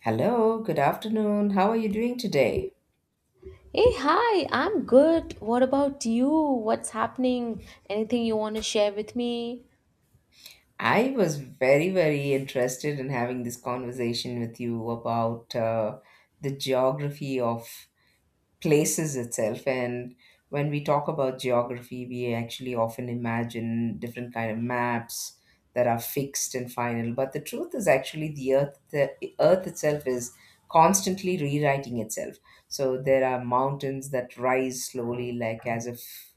Hello, good afternoon. How are you doing today? Hey, hi, I'm good. What about you? What's happening? Anything you want to share with me? I was very, very interested in having this conversation with you about the geography of places itself, and when we talk about geography we actually often imagine different kind of maps that are fixed and final, but the truth is actually the earth itself is constantly rewriting itself. So there are mountains that rise slowly, like as if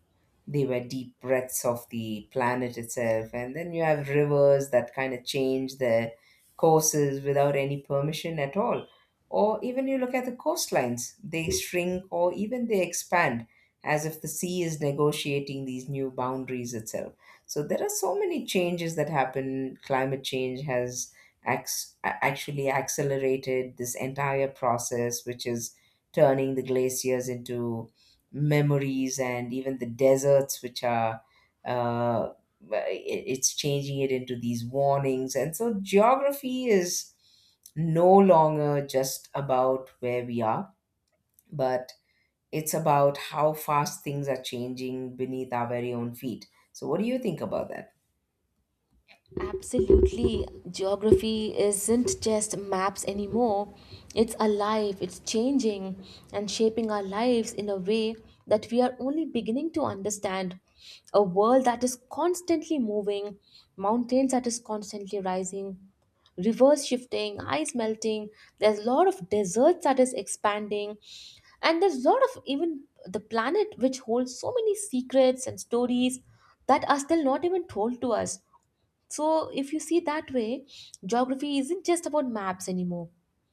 they were deep breaths of the planet itself, and then you have rivers that kind of change their courses without any permission at all, or even you look at the coastlines, they shrink or even they expand as if the sea is negotiating these new boundaries itself. So there are so many changes that happen. Climate change has actually accelerated this entire process, which is turning the glaciers into memories and even the deserts, which are. Uh, it's changing it into these warnings, and so geography is no longer just about where we are, but it's about how fast things are changing beneath our very own feet. So, what do you think about that? Absolutely. Geography isn't just maps anymore. It's alive, it's changing and shaping our lives in a way that we are only beginning to understand. A world that is constantly moving, mountains that is constantly rising, rivers shifting, ice melting. There's a lot of deserts that is expanding. And there's a lot of even the planet which holds so many secrets and stories that are still not even told to us. So, if you see that way, geography isn't just about maps anymore.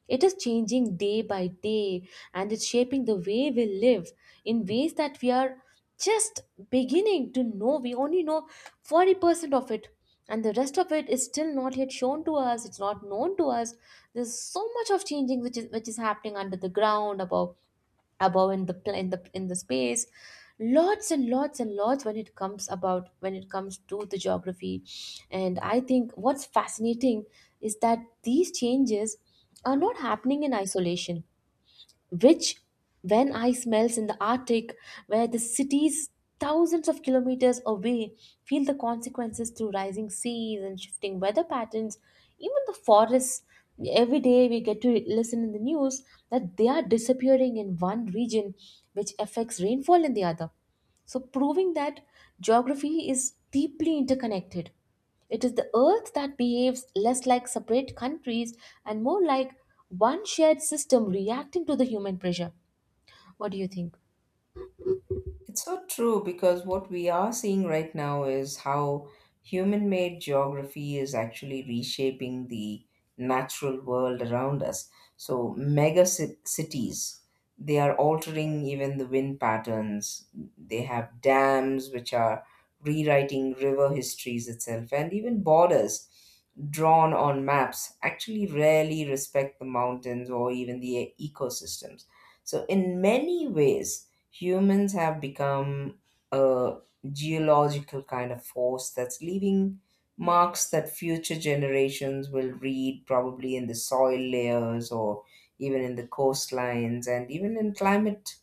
It is changing day by day and it's shaping the way we live in ways that we are just beginning to know. We only know 40% of it, and the rest of it is still not yet shown to us, it's not known to us. There's so much of changing which is happening under the ground, above in the space. Lots and lots and lots when it comes to the geography. And I think what's fascinating is that these changes are not happening in isolation, which when I smells in the Arctic, where the cities thousands of kilometers away feel the consequences through rising seas and shifting weather patterns, even the forests. Every day we get to listen in the news that they are disappearing in one region, which affects rainfall in the other. So, proving that geography is deeply interconnected. It is the earth that behaves less like separate countries and more like one shared system reacting to the human pressure. What do you think? It's so true because what we are seeing right now is how human made geography is actually reshaping the natural world around us. So, mega cities, they are altering even the wind patterns. They have dams which are rewriting river histories itself, and even borders drawn on maps actually rarely respect the mountains or even the ecosystems. So, in many ways, humans have become a geological kind of force that's leaving marks that future generations will read, probably, in the soil layers or even in the coastlines and even in climate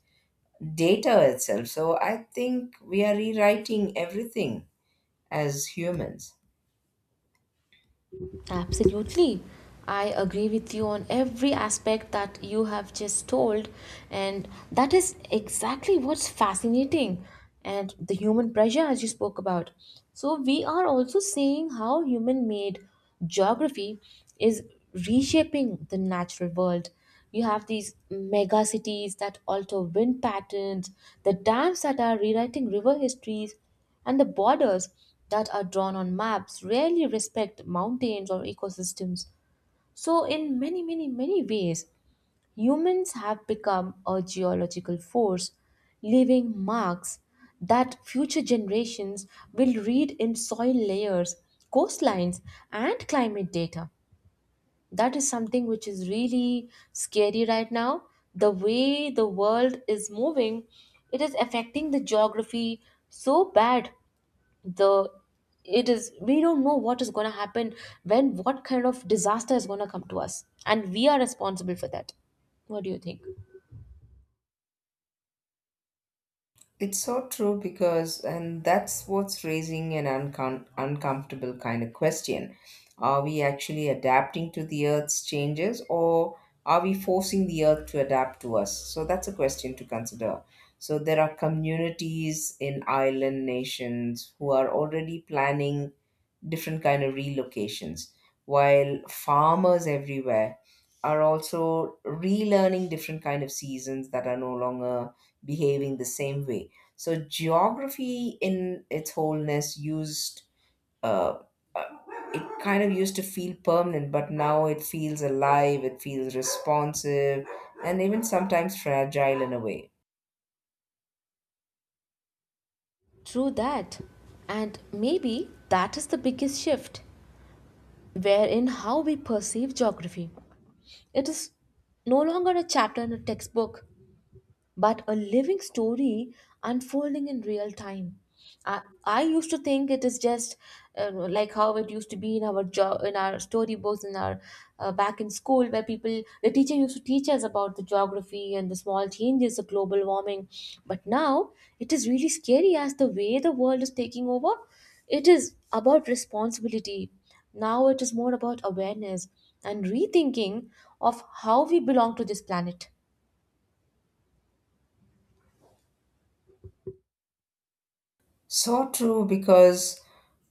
data itself. So I think we are rewriting everything as humans. Absolutely. I agree with you on every aspect that you have just told. And that is exactly what's fascinating. And the human pressure, as you spoke about. So, we are also seeing how human made geography is reshaping the natural world. You have these mega cities that alter wind patterns, the dams that are rewriting river histories, and the borders that are drawn on maps rarely respect mountains or ecosystems. So, in many, many, many ways, humans have become a geological force, leaving marks that future generations will read in soil layers, coastlines, and climate data. That is something which is really scary right now. The way the world is moving, it is affecting the geography so bad. The it is we don't know what is going to happen when what kind of disaster is going to come to us, and we are responsible for that. What do you think? It's so true because, and that's what's raising an uncomfortable kind of question. Are we actually adapting to the Earth's changes, or are we forcing the Earth to adapt to us? So that's a question to consider. So there are communities in island nations who are already planning different kind of relocations, while farmers everywhere are also relearning different kind of seasons that are no longer behaving the same way. So geography in its wholeness used uh, uh, it kind of used to feel permanent, but now it feels alive, it feels responsive, and even sometimes fragile in a way. True that. And maybe that is the biggest shift, wherein how we perceive geography. It is no longer a chapter in a textbook but a living story unfolding in real time. I used to think it is just like how it used to be in our job, in our storybooks, in our back in school, where people, the teacher used to teach us about the geography and the small changes, the global warming. But now it is really scary as the way the world is taking over. It is about responsibility. Now it is more about awareness and rethinking of how we belong to this planet. So true, because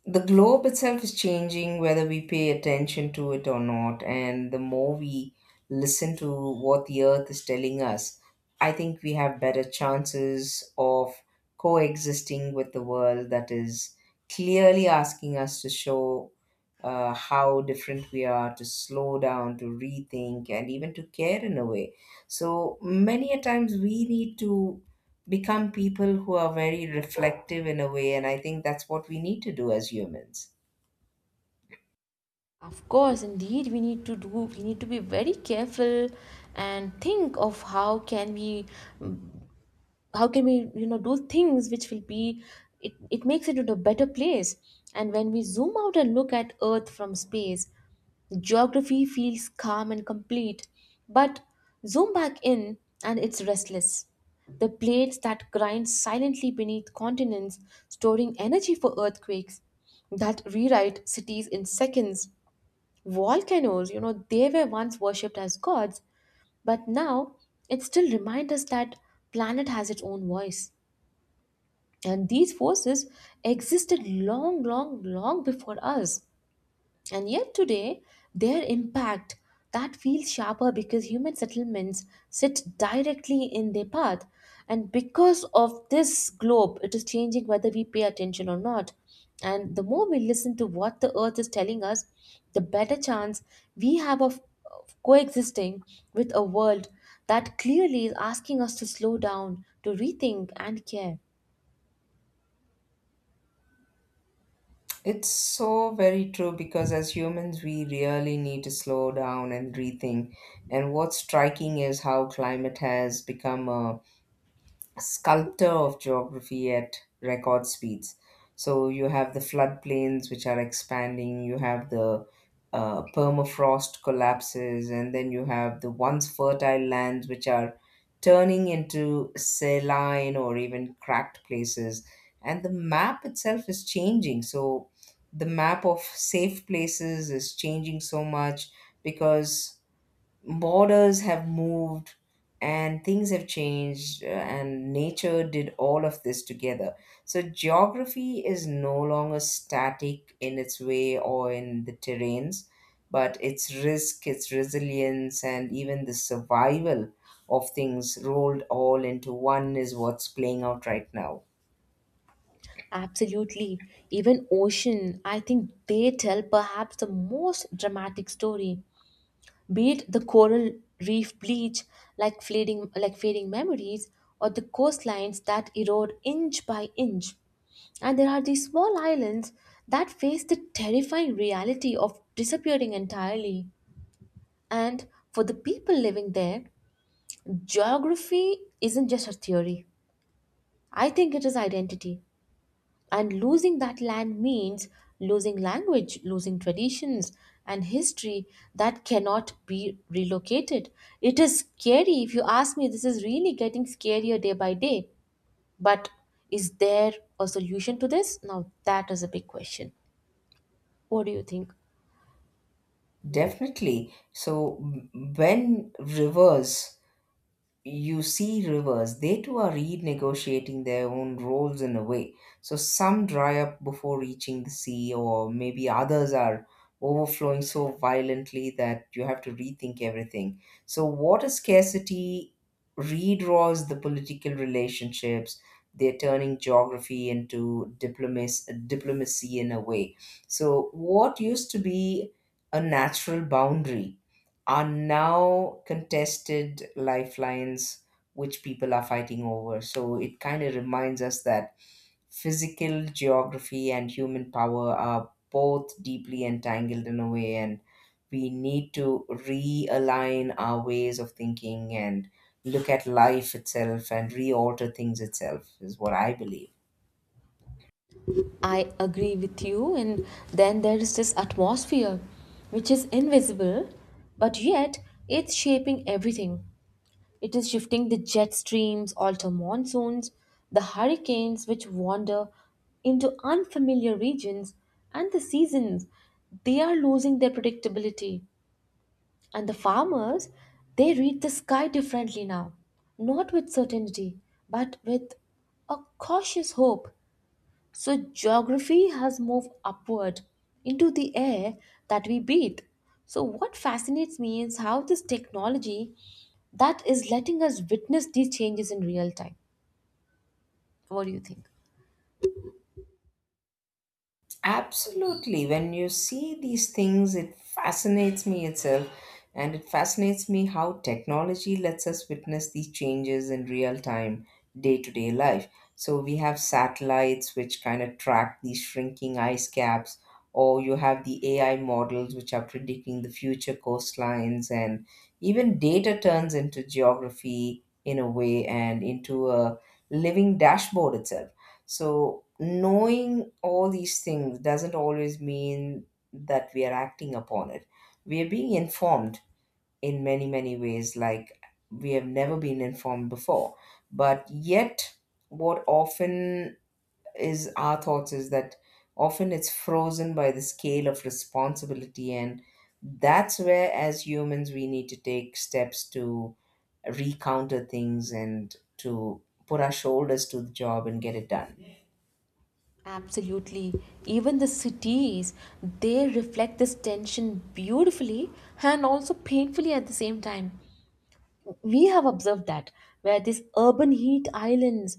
the globe itself is changing whether we pay attention to it or not, and the more we listen to what the earth is telling us, I think we have better chances of coexisting with the world that is clearly asking us to show how different we are, to slow down, to rethink, and even to care in a way. So many a times we need to become people who are very reflective in a way, and I think that's what we need to do as humans. Of course, indeed, we need to be very careful and think of how can we how can we do things which will be it makes it into a better place. And when we zoom out and look at Earth from space, geography feels calm and complete. But zoom back in and it's restless. The plates that grind silently beneath continents, storing energy for earthquakes, that rewrite cities in seconds. Volcanoes, you know, they were once worshipped as gods, but now it still reminds us that planet has its own voice. And these forces existed long, long, long before us. And yet today, their impact that feels sharper because human settlements sit directly in their path. And because of this globe, it is changing whether we pay attention or not. And the more we listen to what the earth is telling us, the better chance we have of coexisting with a world that clearly is asking us to slow down, to rethink and care. It's so very true because as humans we really need to slow down and rethink, and what's striking is how climate has become a sculptor of geography at record speeds. So you have the floodplains which are expanding, you have the permafrost collapses, and then you have the once fertile lands which are turning into saline or even cracked places. And the map itself is changing. So the map of safe places is changing so much because borders have moved and things have changed, and nature did all of this together. So geography is no longer static in its way or in the terrains, but its risk, its resilience, and even the survival of things rolled all into one is what's playing out right now. Absolutely. Even ocean, I think they tell perhaps the most dramatic story. Be it the coral reef bleach, like fading memories, or the coastlines that erode inch by inch. And there are these small islands that face the terrifying reality of disappearing entirely. And for the people living there, geography isn't just a theory. I think it is identity. And losing that land means losing language, losing traditions and history that cannot be relocated. It is scary. If you ask me, this is really getting scarier day by day. But is there a solution to this? Now, that is a big question. What do you think? Definitely. So m- when rivers you see rivers, they too are renegotiating their own roles in a way. So some dry up before reaching the sea, or maybe others are overflowing so violently that you have to rethink everything. So water scarcity redraws the political relationships. They're turning geography into diplomacy in a way. So what used to be a natural boundary are now contested lifelines which people are fighting over. So it kind of reminds us that physical geography and human power are both deeply entangled in a way, and we need to realign our ways of thinking and look at life itself and re alter things itself, is what I believe. I agree with you. And then there is this atmosphere, which is invisible, but yet it's shaping everything. It is shifting the jet streams, alter monsoons, the hurricanes which wander into unfamiliar regions, and the seasons. They are losing their predictability. And the farmers, they read the sky differently now, not with certainty, but with a cautious hope. So, geography has moved upward into the air that we breathe. So, what fascinates me is how this technology that is letting us witness these changes in real time. What do you think? Absolutely. When you see these things, it fascinates me itself, and it fascinates me how technology lets us witness these changes in real time, day to day life. So, we have satellites which kind of track these shrinking ice caps, or you have the AI models which are predicting the future coastlines, and even data turns into geography in a way and into a living dashboard itself. So, knowing all these things doesn't always mean that we are acting upon it. We are being informed in many, many ways, like we have never been informed before. But yet, what often is our thoughts is that often it's frozen by the scale of responsibility. And that's where, as humans, we need to take steps to recounter things and to put our shoulders to the job and get it done. Absolutely. Even the cities, they reflect this tension beautifully and also painfully at the same time. We have observed that where these urban heat islands,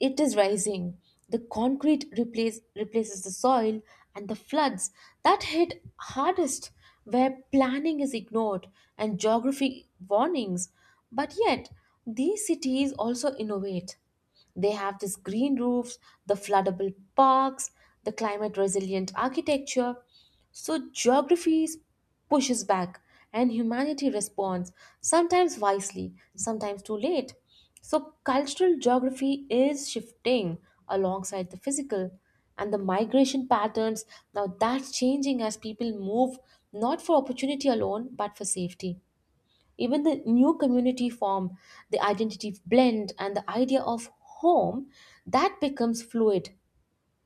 it is rising. The replaces the soil, and the floods that hit hardest where planning is ignored and geography warnings. But yet, these cities also innovate. They have these green roofs, the floodable parks, the climate resilient architecture. So geography pushes back and humanity responds, sometimes wisely, sometimes too late. So, cultural geography is shifting alongside the physical and the migration patterns. Now, that's changing as people move not for opportunity alone, but for safety. Even the new community form, the identity blend, and the idea of home that becomes fluid,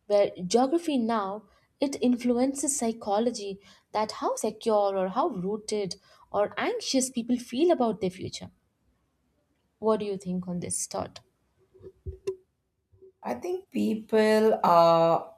where geography now it influences psychology that how secure or how rooted or anxious people feel about their future. What do you think on this thought? I think people are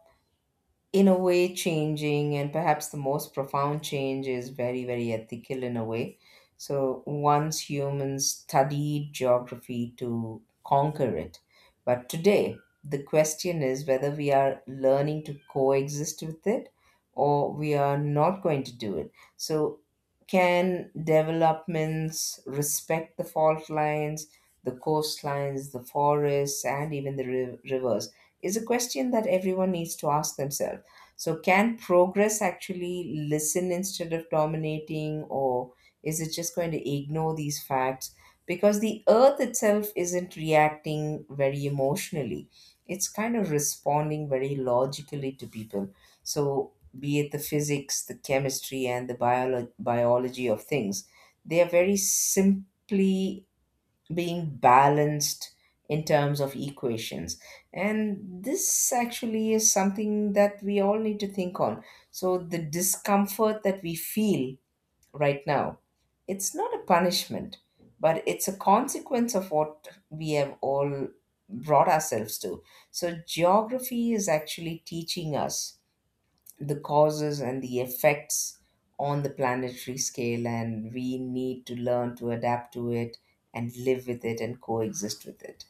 in a way changing, and perhaps the most profound change is very, very ethical in a way. So once humans studied geography to conquer it, but today the question is whether we are learning to coexist with it or we are not going to do it. So can developments respect the fault lines, the coastlines, the forests, and even the rivers is a question that everyone needs to ask themselves. So, can progress actually listen instead of dominating, or is it just going to ignore these facts? Because the earth itself isn't reacting very emotionally, it's kind of responding very logically to people. So, be it the physics, the chemistry, and the biology of things, they are very simply being balanced in terms of equations, and this actually is something that we all need to think on. So the discomfort that we feel right now, it's not a punishment, but it's a consequence of what we have all brought ourselves to. So geography is actually teaching us the causes and the effects on the planetary scale, and we need to learn to adapt to it and live with it and coexist with it.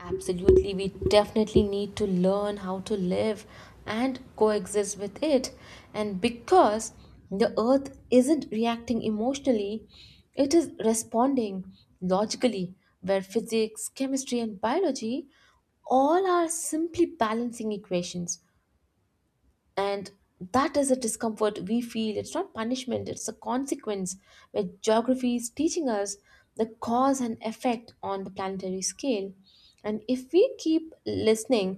Absolutely, we definitely need to learn how to live and coexist with it. And because the earth isn't reacting emotionally, it is responding logically, where physics, chemistry, and biology all are simply balancing equations, and that is a discomfort we feel. It's not punishment, it's a consequence where geography is teaching us the cause and effect on the planetary scale. And if we keep listening,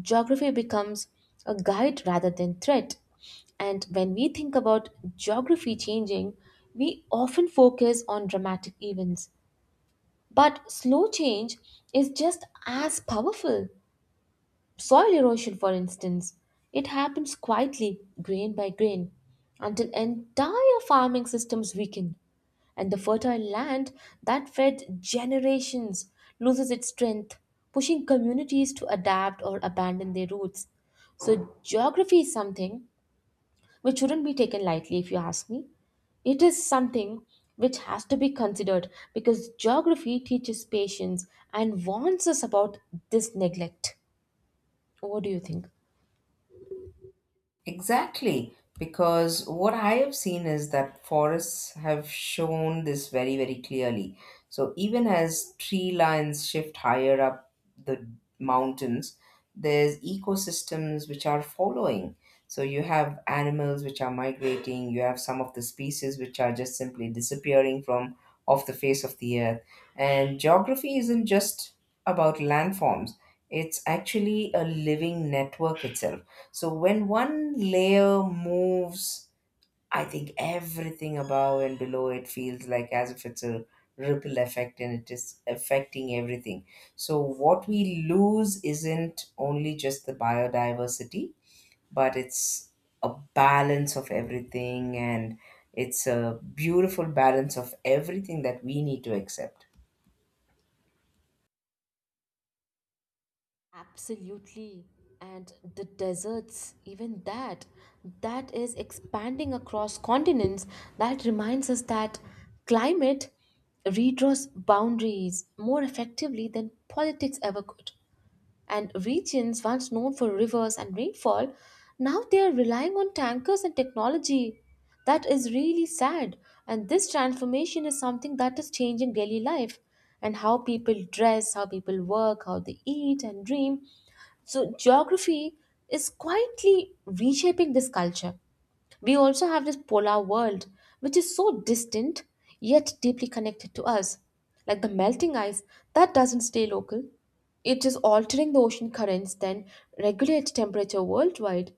geography becomes a guide rather than threat. And when we think about geography changing, we often focus on dramatic events, but slow change is just as powerful. Soil erosion, for instance, it happens quietly, grain by grain, until entire farming systems weaken, and the fertile land that fed generations loses its strength, pushing communities to adapt or abandon their roots. So, geography is something which shouldn't be taken lightly, if you ask me. It is something which has to be considered because geography teaches patience and warns us about this neglect. What do you think? Exactly, because what I have seen is that forests have shown this very, very clearly. So even as tree lines shift higher up the mountains, there's ecosystems which are following. So you have animals which are migrating, you have some of the species which are just simply disappearing from off the face of the earth. And geography isn't just about landforms, it's actually a living network itself. So when one layer moves, I think everything above and below it feels like as if it's a ripple effect, and it is affecting everything. So what we lose isn't only just the biodiversity, but it's a balance of everything, and it's a beautiful balance of everything that we need to accept. Absolutely. And the deserts, even that, that is expanding across continents. That reminds us that climate redraws boundaries more effectively than politics ever could, and regions once known for rivers and rainfall now they are relying on tankers and technology. That is really sad. And this transformation is something that is changing daily life and how people dress, how people work, how they eat and dream. So geography is quietly reshaping this culture. We also have this polar world, which is so distant yet deeply connected to us. Like the melting ice, that doesn't stay local. It is altering the ocean currents, then regulate temperature worldwide.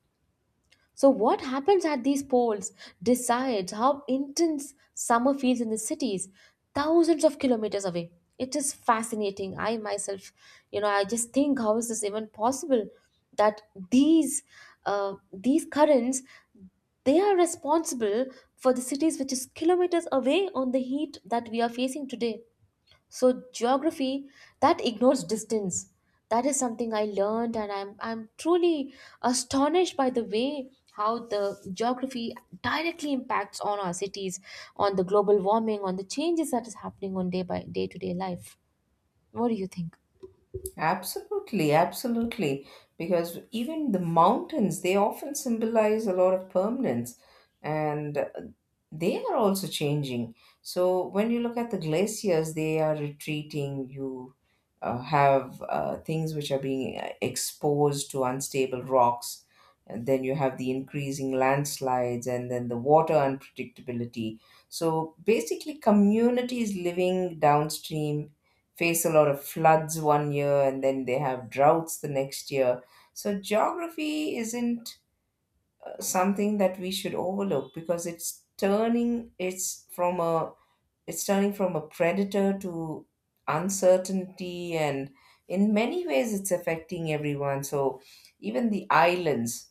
So, what happens at these poles decides how intense summer feels in the cities, thousands of kilometers away. It is fascinating. I myself, you know, I just think how is this even possible that these these currents they are responsible for the cities which is kilometers away on the heat that we are facing today. So geography that ignores distance. That is something I learned, and I'm truly astonished by the way how the geography directly impacts on our cities, on the global warming, on the changes that is happening on day by day to day life. What do you think? Absolutely, absolutely. Because even the mountains, they often symbolize a lot of permanence, and they are also changing. So when you look at the glaciers, they are retreating. You have things which are being exposed to unstable rocks, and then you have the increasing landslides and then the water unpredictability. So basically communities living downstream face a lot of floods one year and then they have droughts the next year. So geography isn't something that we should overlook because it's turning from a predator to uncertainty, and in many ways it's affecting everyone. So even the islands,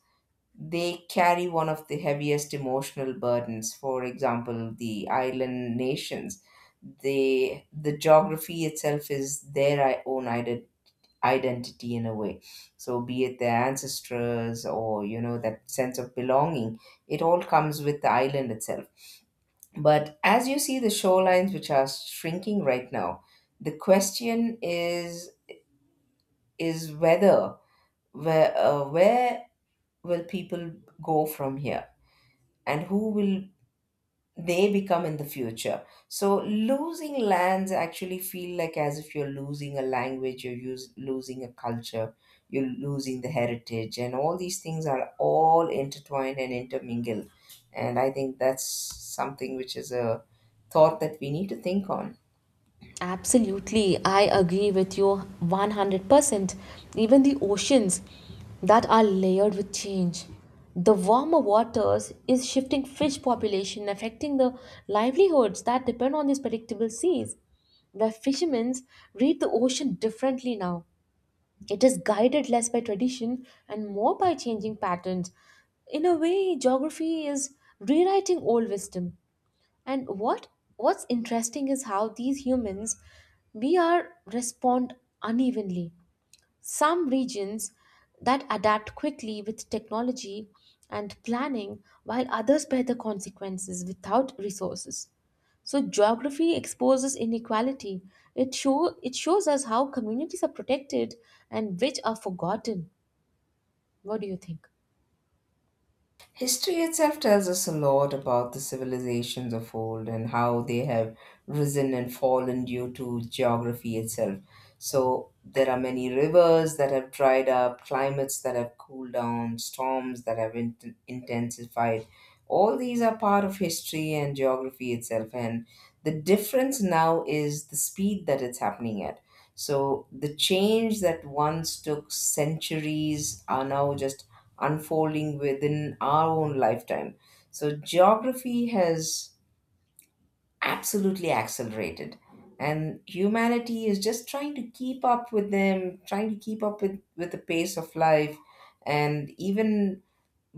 they carry one of the heaviest emotional burdens. For example, the island nations, they, the geography itself is their own identity in a way. So be it their ancestors, or you know that sense of belonging, it all comes with the island itself. But as you see the shorelines which are shrinking right now, the question is whether where will people go from here and who will they become in the future? So losing lands actually feel like as if you're losing a language, you're losing a culture, you're losing the heritage, and all these things are all intertwined and intermingled. And I think that's something which is a thought that we need to think on. Absolutely, I agree with you 100%. Even the oceans that are layered with change. The warmer waters is shifting fish population, affecting the livelihoods that depend on these predictable seas. The fishermen read the ocean differently now. It is guided less by tradition and more by changing patterns. In a way, geography is rewriting old wisdom. And what's interesting is how these humans we are respond unevenly. Some regions that adapt quickly with technology and planning, while others bear the consequences without resources. So geography exposes inequality. It shows us how communities are protected and which are forgotten. What do you think? History itself tells us a lot about the civilizations of old and how they have risen and fallen due to geography itself. So, there are many rivers that have dried up, climates that have cooled down, storms that have intensified. All these are part of history and geography itself, and the difference now is the speed that it's happening at. So, the change that once took centuries are now just unfolding within our own lifetime. So, geography has absolutely accelerated, and humanity is just trying to keep up with them, trying to keep up with the pace of life, and even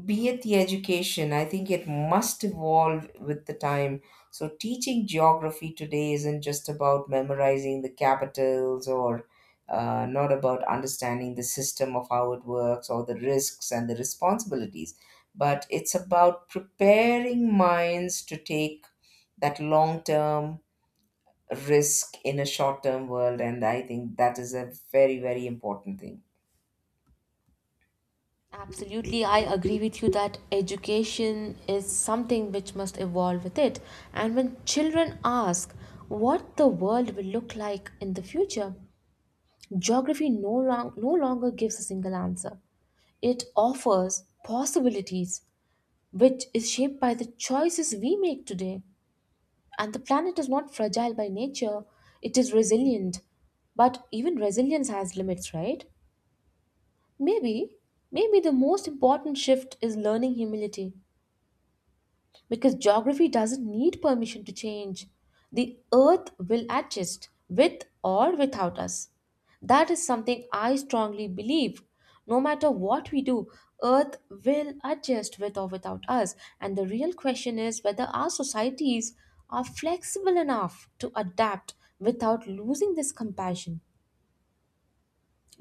be it the education, I think it must evolve with the time. So, teaching geography today isn't just about memorizing the capitals or not about understanding the system of how it works or the risks and the responsibilities, but it's about preparing minds to take that long term risk in a short term world. And I think that is a very, very important thing. Absolutely, I agree with you that education is something which must evolve with it. And when children ask what the world will look like in the future, geography no longer gives a single answer. It offers possibilities, which is shaped by the choices we make today. And the planet is not fragile by nature, it is resilient. But even resilience has limits, right? Maybe, maybe the most important shift is learning humility because geography doesn't need permission to change. The earth will adjust with or without us. That is something I strongly believe. No matter what we do, earth will adjust with or without us. And the real question is whether our societies are flexible enough to adapt without losing this compassion.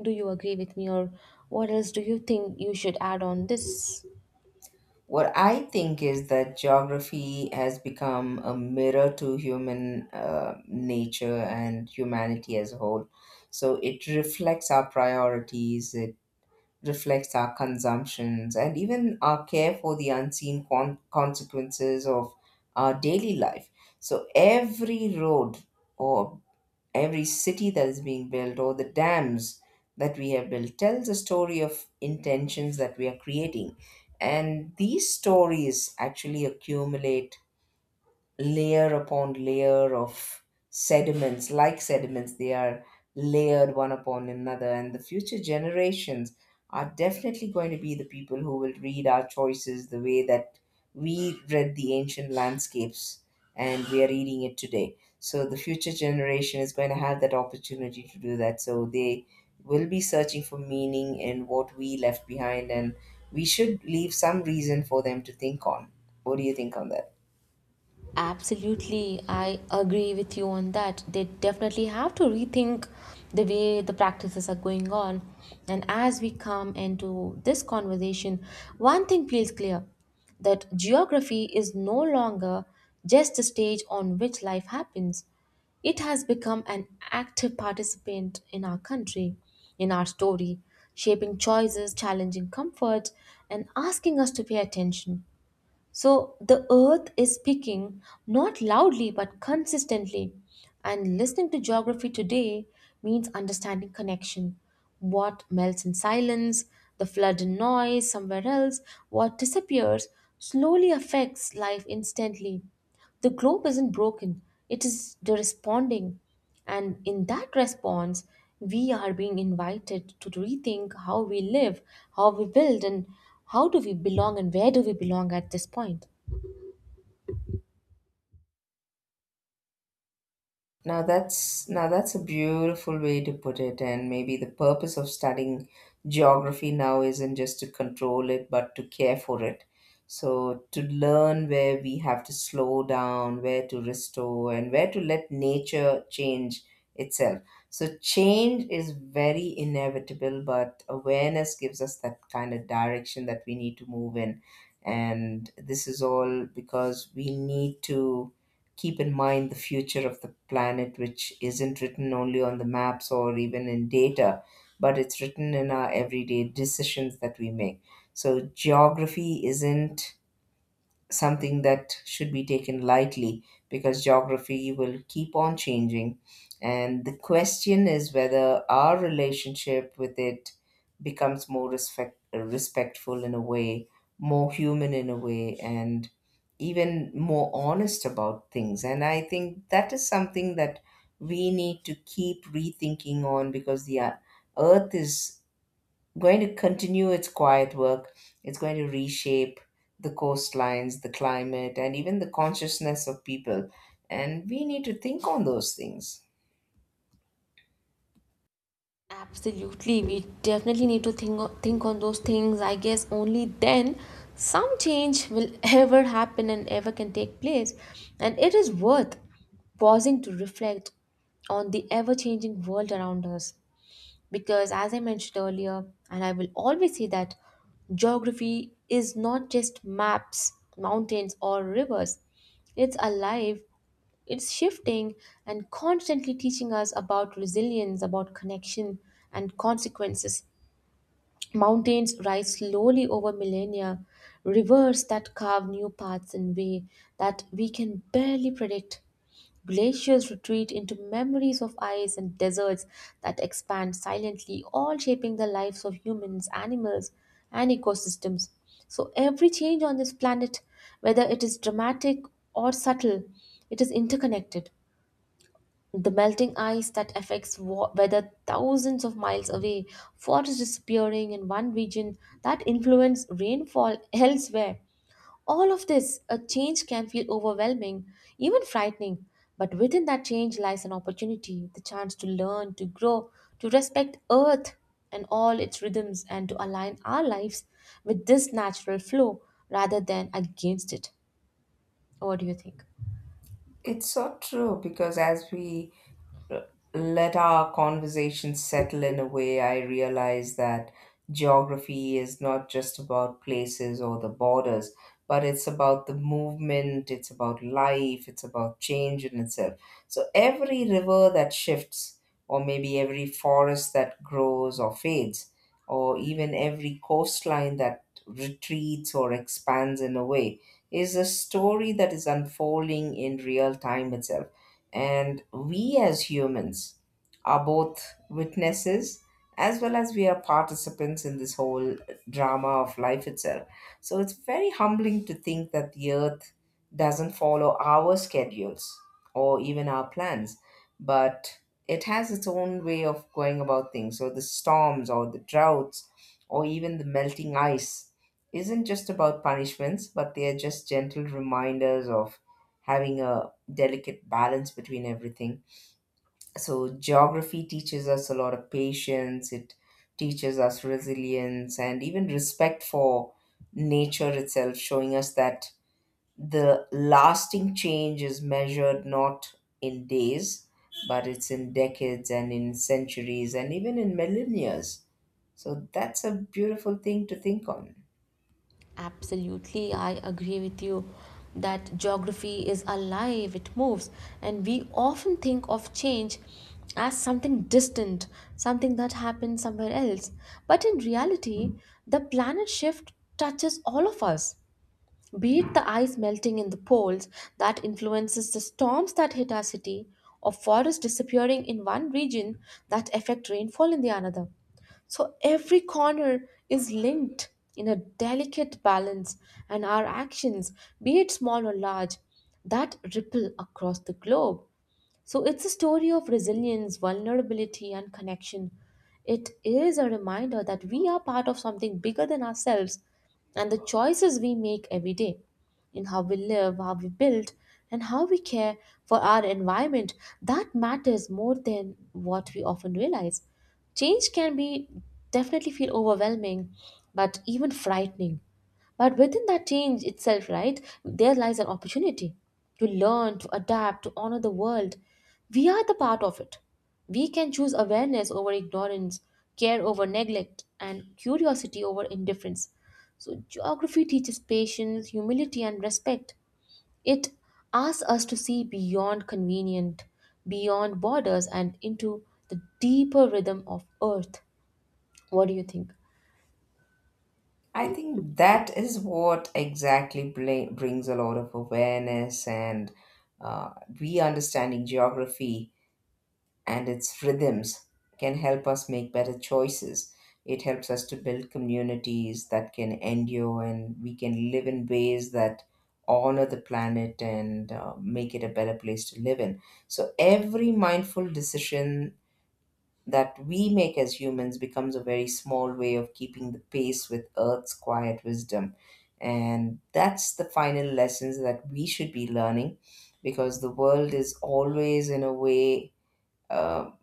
Do you agree with me, or what else do you think you should add on this? What I think is that geography has become a mirror to human nature and humanity as a whole. So it reflects our priorities, it reflects our consumptions, and even our care for the unseen consequences of our daily life. So every road or every city that is being built or the dams that we have built tells a story of intentions that we are creating. And these stories actually accumulate layer upon layer of sediments, like sediments, they are layered one upon another, and the future generations are definitely going to be the people who will read our choices the way that we read the ancient landscapes and we are reading it today. So the future generation is going to have that opportunity to do that, so they will be searching for meaning in what we left behind, and we should leave some reason for them to think on. What do you think on that? Absolutely, I agree with you on that. They definitely have to rethink the way the practices are going on. And as we come into this conversation, one thing feels clear that geography is no longer just a stage on which life happens. It has become an active participant in our country, in our story, shaping choices, challenging comfort, and asking us to pay attention. So the earth is speaking, not loudly but consistently. And listening to geography today means understanding connection. What melts in silence, the flood in noise somewhere else, what disappears slowly affects life instantly. The globe isn't broken, it is the responding. And in that response, we are being invited to rethink how we live, how we build, and how do we belong and where do we belong at this point. Now that's a beautiful way to put it, and maybe the purpose of studying geography now isn't just to control it, but to care for it. So to learn where we have to slow down, where to restore, and where to let nature change itself. So change is very inevitable, but awareness gives us that kind of direction that we need to move in. And this is all because we need to keep in mind the future of the planet, which isn't written only on the maps or even in data, but it's written in our everyday decisions that we make. So, geography isn't something that should be taken lightly, because geography will keep on changing. And the question is whether our relationship with it becomes more respectful in a way, more human in a way, and even more honest about things. And I think that is something that we need to keep rethinking on, because the earth is going to continue its quiet work. It's going to reshape the coastlines, the climate, and even the consciousness of people. And we need to think on those things. Absolutely, we definitely need to think on those things. I guess only then some change will ever happen and ever can take place. And it is worth pausing to reflect on the ever changing world around us. Because as I mentioned earlier and I will always say that geography is not just maps, mountains, or rivers. It's alive, it's shifting, and constantly teaching us about resilience, about connection and consequences. Mountains rise slowly over millennia, rivers that carve new paths in way that we can barely predict. Glaciers retreat into memories of ice and deserts that expand silently, all shaping the lives of humans, animals, and ecosystems. So, every change on this planet, whether it is dramatic or subtle, it is interconnected. The melting ice that affects weather thousands of miles away, forests disappearing in one region that influence rainfall elsewhere. All of this, a change can feel overwhelming, even frightening. But within that change lies an opportunity, the chance to learn, to grow, to respect Earth and all its rhythms, and to align our lives with this natural flow rather than against it. What do you think? It's so true, because as we let our conversation settle in a way, I realize that geography is not just about places or the borders, but it's about the movement, it's about life, it's about change in itself. So every river that shifts, or maybe every forest that grows or fades, or even every coastline that retreats or expands in a way, is a story that is unfolding in real time itself, and we as humans are both witnesses as well as we are participants in this whole drama of life itself. So it's very humbling to think that the earth doesn't follow our schedules or even our plans, but it has its own way of going about things. So the storms or the droughts or even the melting ice isn't just about punishments, but they are just gentle reminders of having a delicate balance between everything. So, geography teaches us a lot of patience, it teaches us resilience, and even respect for nature itself, showing us that the lasting change is measured not in days, but it's in decades and in centuries and even in millennia. So, that's a beautiful thing to think on. Absolutely, I agree with you that geography is alive, it moves, and we often think of change as something distant, something that happens somewhere else. But in reality, the planet shift touches all of us, be it the ice melting in the poles that influences the storms that hit our city, or forests disappearing in one region that affect rainfall in the another. So every corner is linked in a delicate balance, and our actions, be it small or large, that ripple across the globe. So it's a story of resilience, vulnerability, and connection. It is a reminder that we are part of something bigger than ourselves and the choices we make every day in how we live, how we build, and how we care for our environment that matters more than what we often realize. Change can be definitely feel overwhelming, but even frightening. But within that change itself, right, there lies an opportunity to learn, to adapt, to honor the world. We are the part of it. We can choose awareness over ignorance, care over neglect, and curiosity over indifference. So, geography teaches patience, humility, and respect. It asks us to see beyond convenient, beyond borders, and into the deeper rhythm of earth. What do you think? I think that is what exactly brings a lot of awareness, and uh, we understanding geography and its rhythms can help us make better choices. It helps us to build communities that can endure, and we can live in ways that honor the planet and make it a better place to live in. So every mindful decision that we make as humans becomes a very small way of keeping the pace with Earth's quiet wisdom. And that's the final lessons that we should be learning, because the world is always, in a way, um,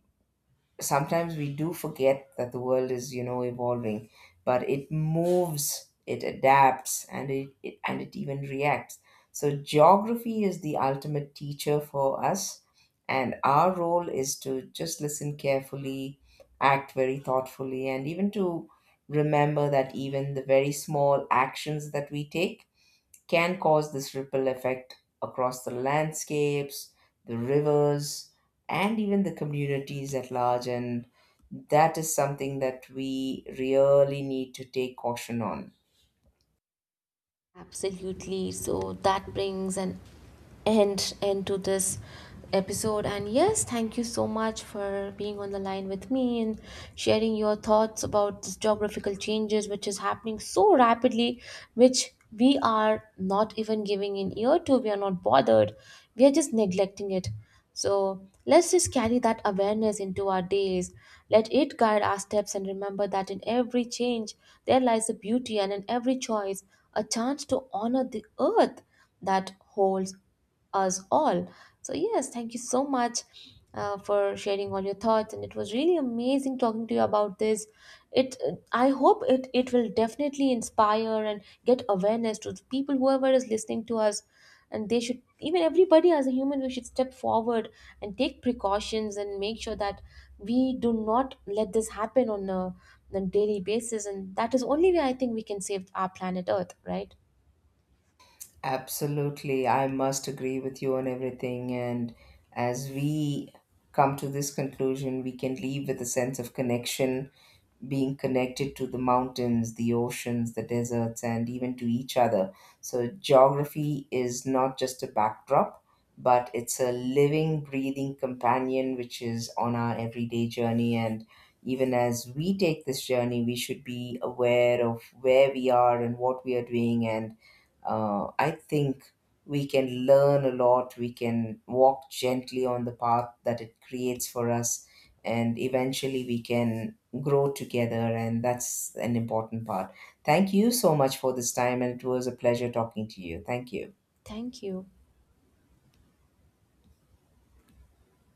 sometimes we do forget that the world is, you know, evolving, but it moves, it adapts, and it even reacts. So geography is the ultimate teacher for us, and our role is to just listen carefully, act very thoughtfully, and even to remember that even the very small actions that we take can cause this ripple effect across the landscapes, the rivers, and even the communities at large. And that is something that we really need to take caution on. Absolutely. So that brings an end to this episode. And yes, thank you so much for being on the line with me and sharing your thoughts about this geographical changes which is happening so rapidly, which we are not even giving an ear to. We are not bothered. We are just neglecting it. So let's just carry that awareness into our days. Let it guide our steps and remember that in every change there lies a beauty and in every choice a chance to honor the earth that holds us all. So, yes, thank you so much for sharing all your thoughts and it was really amazing talking to you about this. It i hope it will definitely inspire and get awareness to the people whoever is listening to us, and they should even everybody as a human we should step forward and take precautions and make sure that we do not let this happen on on a daily basis, and that is only way I think we can save our planet earth, right? Absolutely. I must agree with you on everything. And as we come to this conclusion, we can leave with a sense of connection, being connected to the mountains, the oceans, the deserts, and even to each other. So, geography is not just a backdrop, but it's a living, breathing companion which is on our everyday journey. And even as we take this journey, we should be aware of where we are and what we are doing, and I think we can learn a lot. We can walk gently on the path that it creates for us, and eventually we can grow together. And that's an important part. Thank you so much for this time, and it was a pleasure talking to you. Thank you. Thank you.